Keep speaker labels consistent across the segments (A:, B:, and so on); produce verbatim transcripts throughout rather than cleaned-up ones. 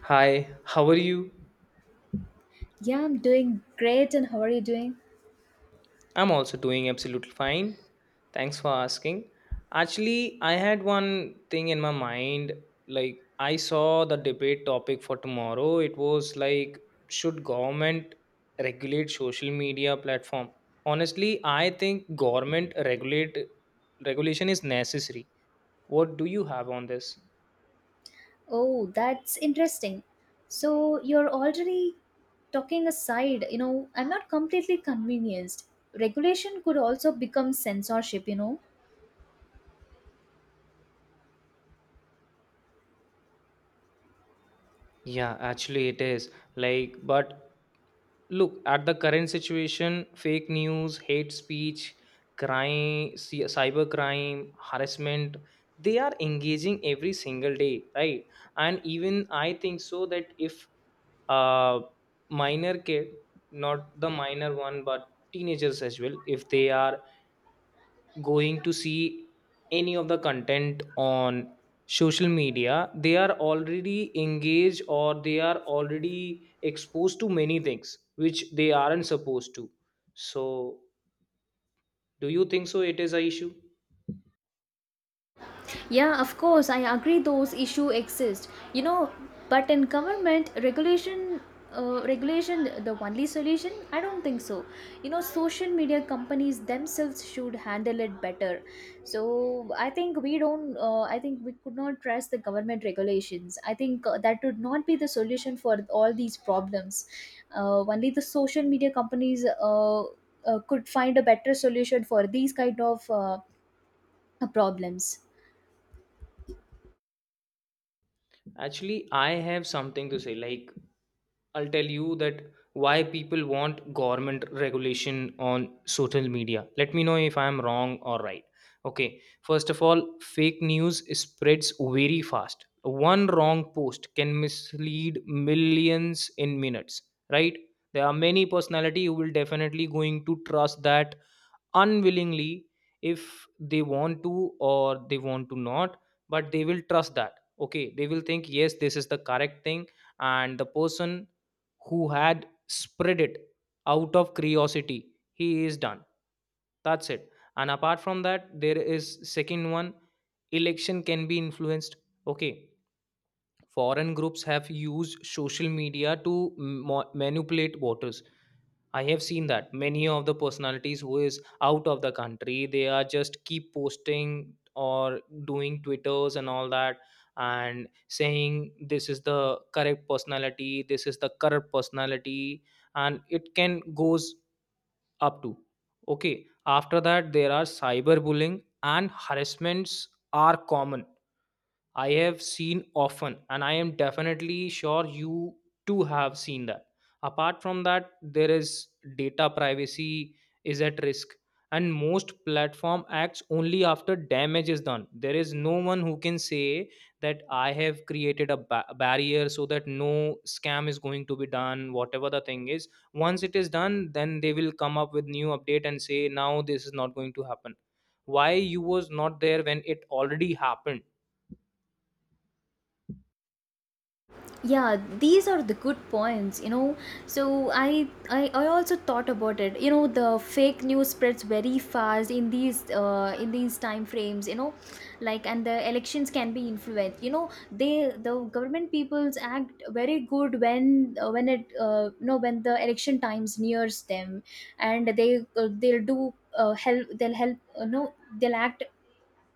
A: Hi, how are you?
B: Yeah, I'm doing great. And how are you doing?
A: I'm also doing absolutely fine. Thanks for asking. Actually, I had one thing in my mind. Like, I saw the debate topic for tomorrow. It was like, should government regulate social media platform? Honestly, I think government regulate regulation is necessary. What do you have on this?
B: Oh, that's interesting. So you're already talking aside, you know, I'm not completely convinced. Regulation could also become censorship, you know.
A: Yeah, actually it is. Like, but look at the current situation, fake news, hate speech, crime, cy- cyber crime, harassment, they are engaging every single day, right? And even I think so that if a minor kid, not the minor one, but teenagers as well, if they are going to see any of the content on social media, they are already engaged or they are already exposed to many things which they aren't supposed to, so do you think so it is a issue?
B: Yeah, of course, I agree those issue exist. You know, but in government regulation, uh, regulation the only solution? I don't think so. You know, social media companies themselves should handle it better. So I think we don't. Uh, I think we could not trust the government regulations. I think uh, that would not be the solution for all these problems. Uh, only the social media companies uh, uh, could find a better solution for these kind of uh, problems.
A: Actually, I have something to say. Like, I'll tell you that why people want government regulation on social media. Let me know if I am wrong or right. Okay, first of all, fake news spreads very fast. One wrong post can mislead millions in minutes, right? There are many personality who will definitely going to trust that unwillingly, if they want to or they want to not, but they will trust that, okay, they will think yes this is the correct thing, and the person who had spread it out of curiosity, he is done, that's it. And apart from that, there is second one, election can be influenced, okay. Foreign groups have used social media to mo- manipulate voters. I have seen that many of the personalities who is out of the country, they are just keep posting or doing twitters and all that and saying this is the correct personality, this is the correct personality, and it can goes up to, okay. After that, there are cyberbullying and harassments are common, I have seen often, and I am definitely sure you too have seen that. Apart from that, there is data privacy is at risk, and most platform acts only after damage is done. There is no one who can say that I have created a ba- barrier so that no scam is going to be done. Whatever the thing is, once it is done, then they will come up with new update and say now this is not going to happen. Why you was not there when it already happened?
B: Yeah, these are the good points. You know so I, I i also thought about it. You know the fake news spreads very fast in these uh, in these time frames, you know like. And the elections can be influenced. You know, they, the government peoples act very good when uh, when it uh, you know, when the election times nears them. And they uh, they'll do uh, help, they'll help uh, no, they'll act,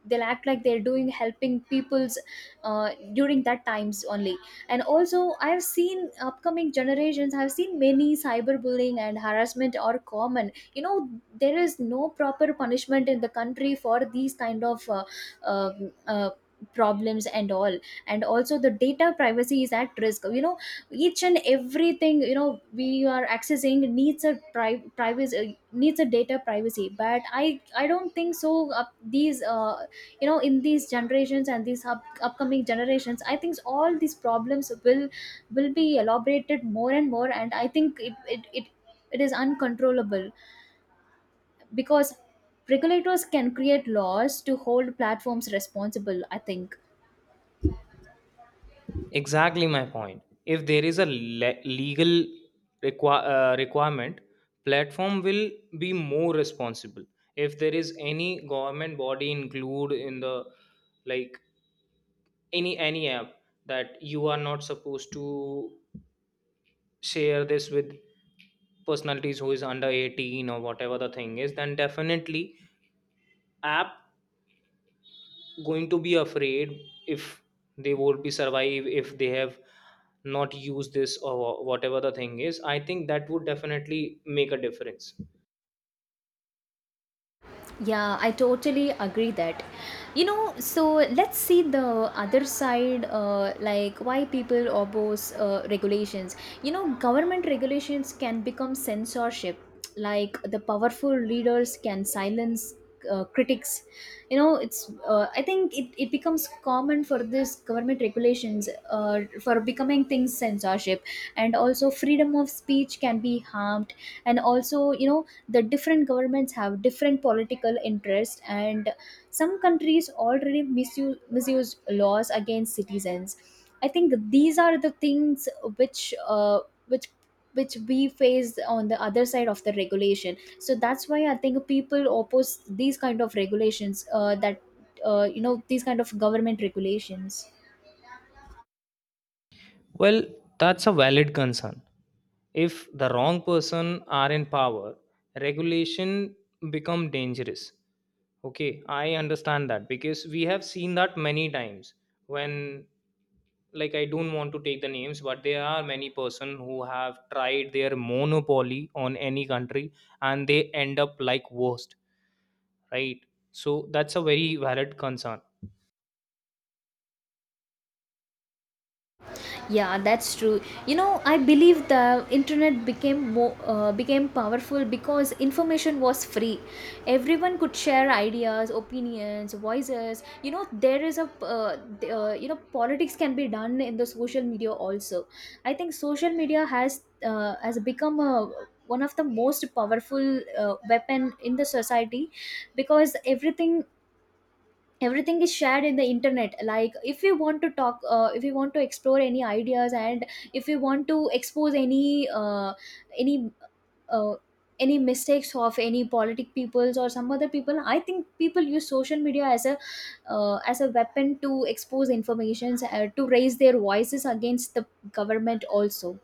B: they'll act like they're doing helping people's uh, during that times only. And also I have seen upcoming generations, I have seen many cyberbullying and harassment are common, you know. There is no proper punishment in the country for these kind of uh, uh, uh, problems and all. And also the data privacy is at risk, you know. Each and everything, you know, we are accessing needs a pri- privacy, needs a data privacy. But i i don't think so uh, these uh, you know, in these generations and these up- upcoming generations, I think all these problems will will be elaborated more and more. And I think it it, it, it is uncontrollable, because regulators can create laws to hold platforms responsible, I think.
A: Exactly my point. If there is a le- legal requi- uh, requirement, platform will be more responsible. If there is any government body include in the, like, any any app that you are not supposed to share this with personalities who is under eighteen or whatever the thing is, then definitely app going to be afraid, if they won't be survive if they have not used this or whatever the thing is, I think that would definitely make a difference.
B: Yeah, I totally agree that. You know, so let's see the other side, uh, like why people oppose uh, regulations. You know, government regulations can become censorship, like the powerful leaders can silence. Uh, critics, you know. It's uh, I think it, it becomes common for this government regulations uh, for becoming things censorship. And also freedom of speech can be harmed. And also, you know, the different governments have different political interests, and some countries already misuse, misuse laws against citizens. I think these are the things which uh, which which we face on the other side of the regulation. So that's why I think people oppose these kind of regulations, uh, that uh, you know, these kind of government regulations.
A: Well, that's a valid concern. If the wrong person are in power, regulation become dangerous. Okay, I understand that because we have seen that many times when, like, I don't want to take the names, but there are many person who have tried their monopoly on any country and they end up like worst, right? So that's a very valid concern.
B: Yeah, that's true. You know, I believe the internet became more uh, became powerful because information was free. Everyone could share ideas, opinions, voices. You know, there is a uh, th- uh, you know, politics can be done in the social media also. I think social media has uh, has become a one of the most powerful uh, weapon in the society, because everything everything is shared in the internet. Like if we want to talk uh, if we want to explore any ideas, and if we want to expose any uh, any uh, any mistakes of any politic peoples or some other people, I think people use social media as a uh, as a weapon to expose informations, uh, to raise their voices against the government also.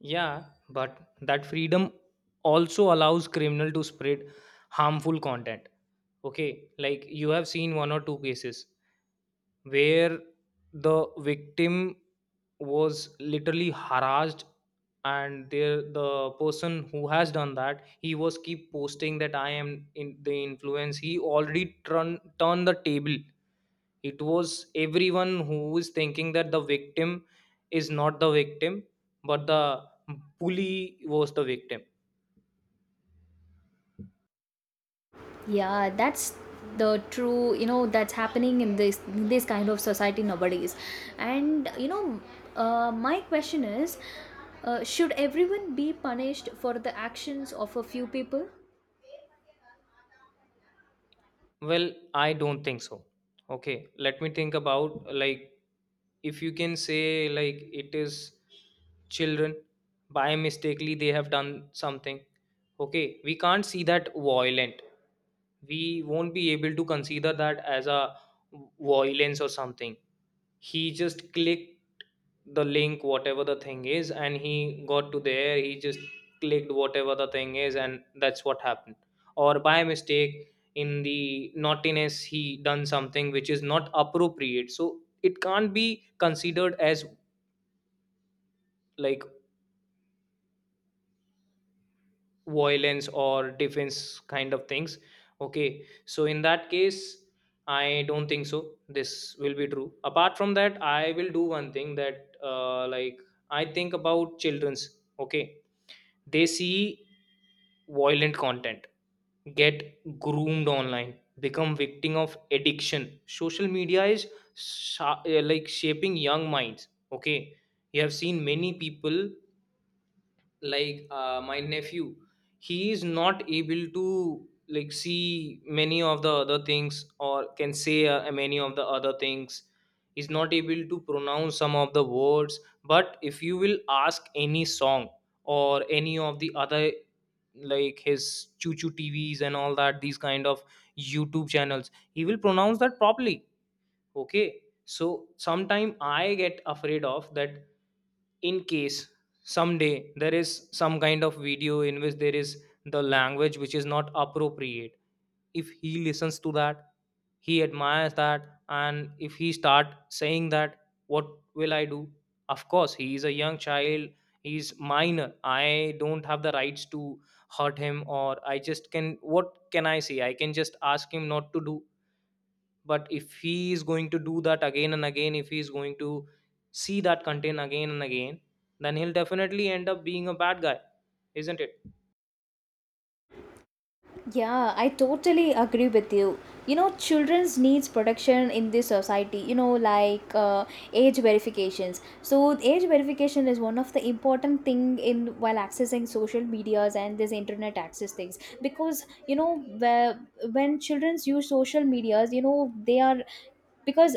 A: Yeah, but that freedom also allows criminal to spread harmful content. Okay, like you have seen one or two cases where the victim was literally harassed, and there the person who has done that, he was keep posting that I am in the influence, he already turn turned the table. It was everyone who is thinking that the victim is not the victim, but the bully was the victim.
B: Yeah, that's the true, you know. That's happening in this this kind of society nowadays. And you know, uh, my question is, uh, should everyone be punished for the actions of a few people?
A: Well, I don't think so. Okay, let me think about, like, if you can say like it is children, by mistakenly they have done something. Okay, we can't see that violent. We won't be able to consider that as a violence or something. He just clicked the link, whatever the thing is, and he got to there, he just clicked whatever the thing is and that's what happened. Or by mistake in the naughtiness he done something which is not appropriate, so it can't be considered as, like, violence or defense kind of things. Okay, so in that case I don't think so this will be true. Apart from that, I will do one thing that, uh, like I think about children's. Okay, they see violent content, get groomed online, become victim of addiction. Social media is sha- uh, like shaping young minds. Okay, you have seen many people, like uh, my nephew, he is not able to like see many of the other things, or can say, uh, many of the other things. He's not able to pronounce some of the words, but if you will ask any song or any of the other, like his choo choo tvs and all that, these kind of YouTube channels, he will pronounce that properly. Okay, so sometime I get afraid of that. In case someday there is some kind of video in which there is the language which is not appropriate, if he listens to that, he admires that, and if he start saying that, what will I do? Of course he is a young child, he is minor, I don't have the rights to hurt him, or I just can, what can I say, I can just ask him not to do. But if he is going to do that again and again, if he is going to see that content again and again, then he'll definitely end up being a bad guy, isn't it?
B: Yeah, I totally agree with you. You know, children's needs protection in this society, you know, like uh, age verifications. So age verification is one of the important thing in while accessing social medias and this internet access things, because, you know, where, when childrens use social medias, you know, they are, because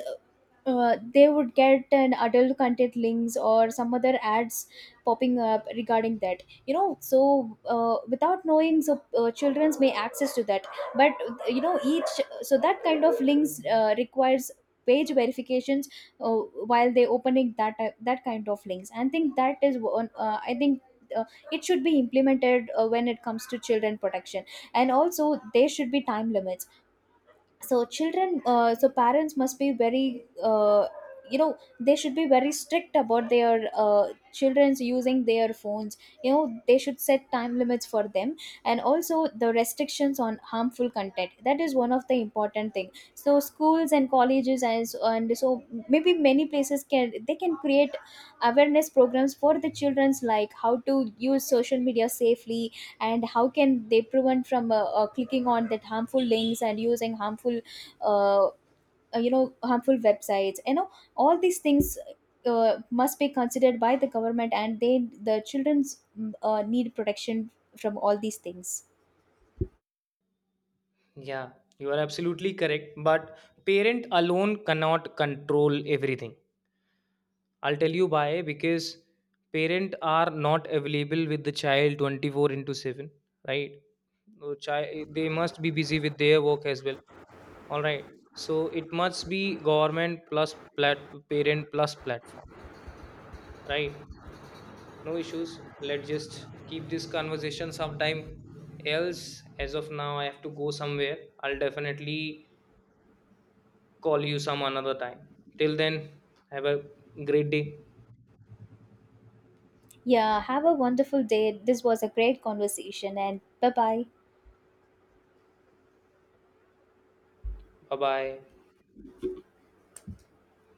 B: uh, they would get an adult content links or some other ads popping up regarding that, you know. So uh, without knowing, so uh, children's may access to that. But you know, each, so that kind of links uh, requires page verifications uh, while they opening that uh, that kind of links. And think that is one, uh, I think, uh, it should be implemented uh, when it comes to children protection. And also there should be time limits. So children, uh, so parents must be very uh, you know, they should be very strict about their uh, children's using their phones, you know. They should set time limits for them. And also the restrictions on harmful content, that is one of the important thing. So schools and colleges and, so- and so, maybe many places can, they can create awareness programs for the children's, like how to use social media safely and how can they prevent from uh, uh, clicking on that harmful links and using harmful uh, uh, you know, harmful websites, you know, all these things uh, must be considered by the government. And they, the children's mm, uh, need protection from all these things.
A: Yeah, you are absolutely correct, but parent alone cannot control everything. I'll tell you why, because parent are not available with the child twenty-four into seven, right? No child, they must be busy with their work as well, all right? So it must be government plus plat- parent plus platform. Right, no issues. Let's just keep this conversation sometime else. As of now, I have to go somewhere. I'll definitely call you some another time. Till then, have a great day.
B: Yeah, have a wonderful day. This was a great conversation. And bye bye.
A: Bye bye.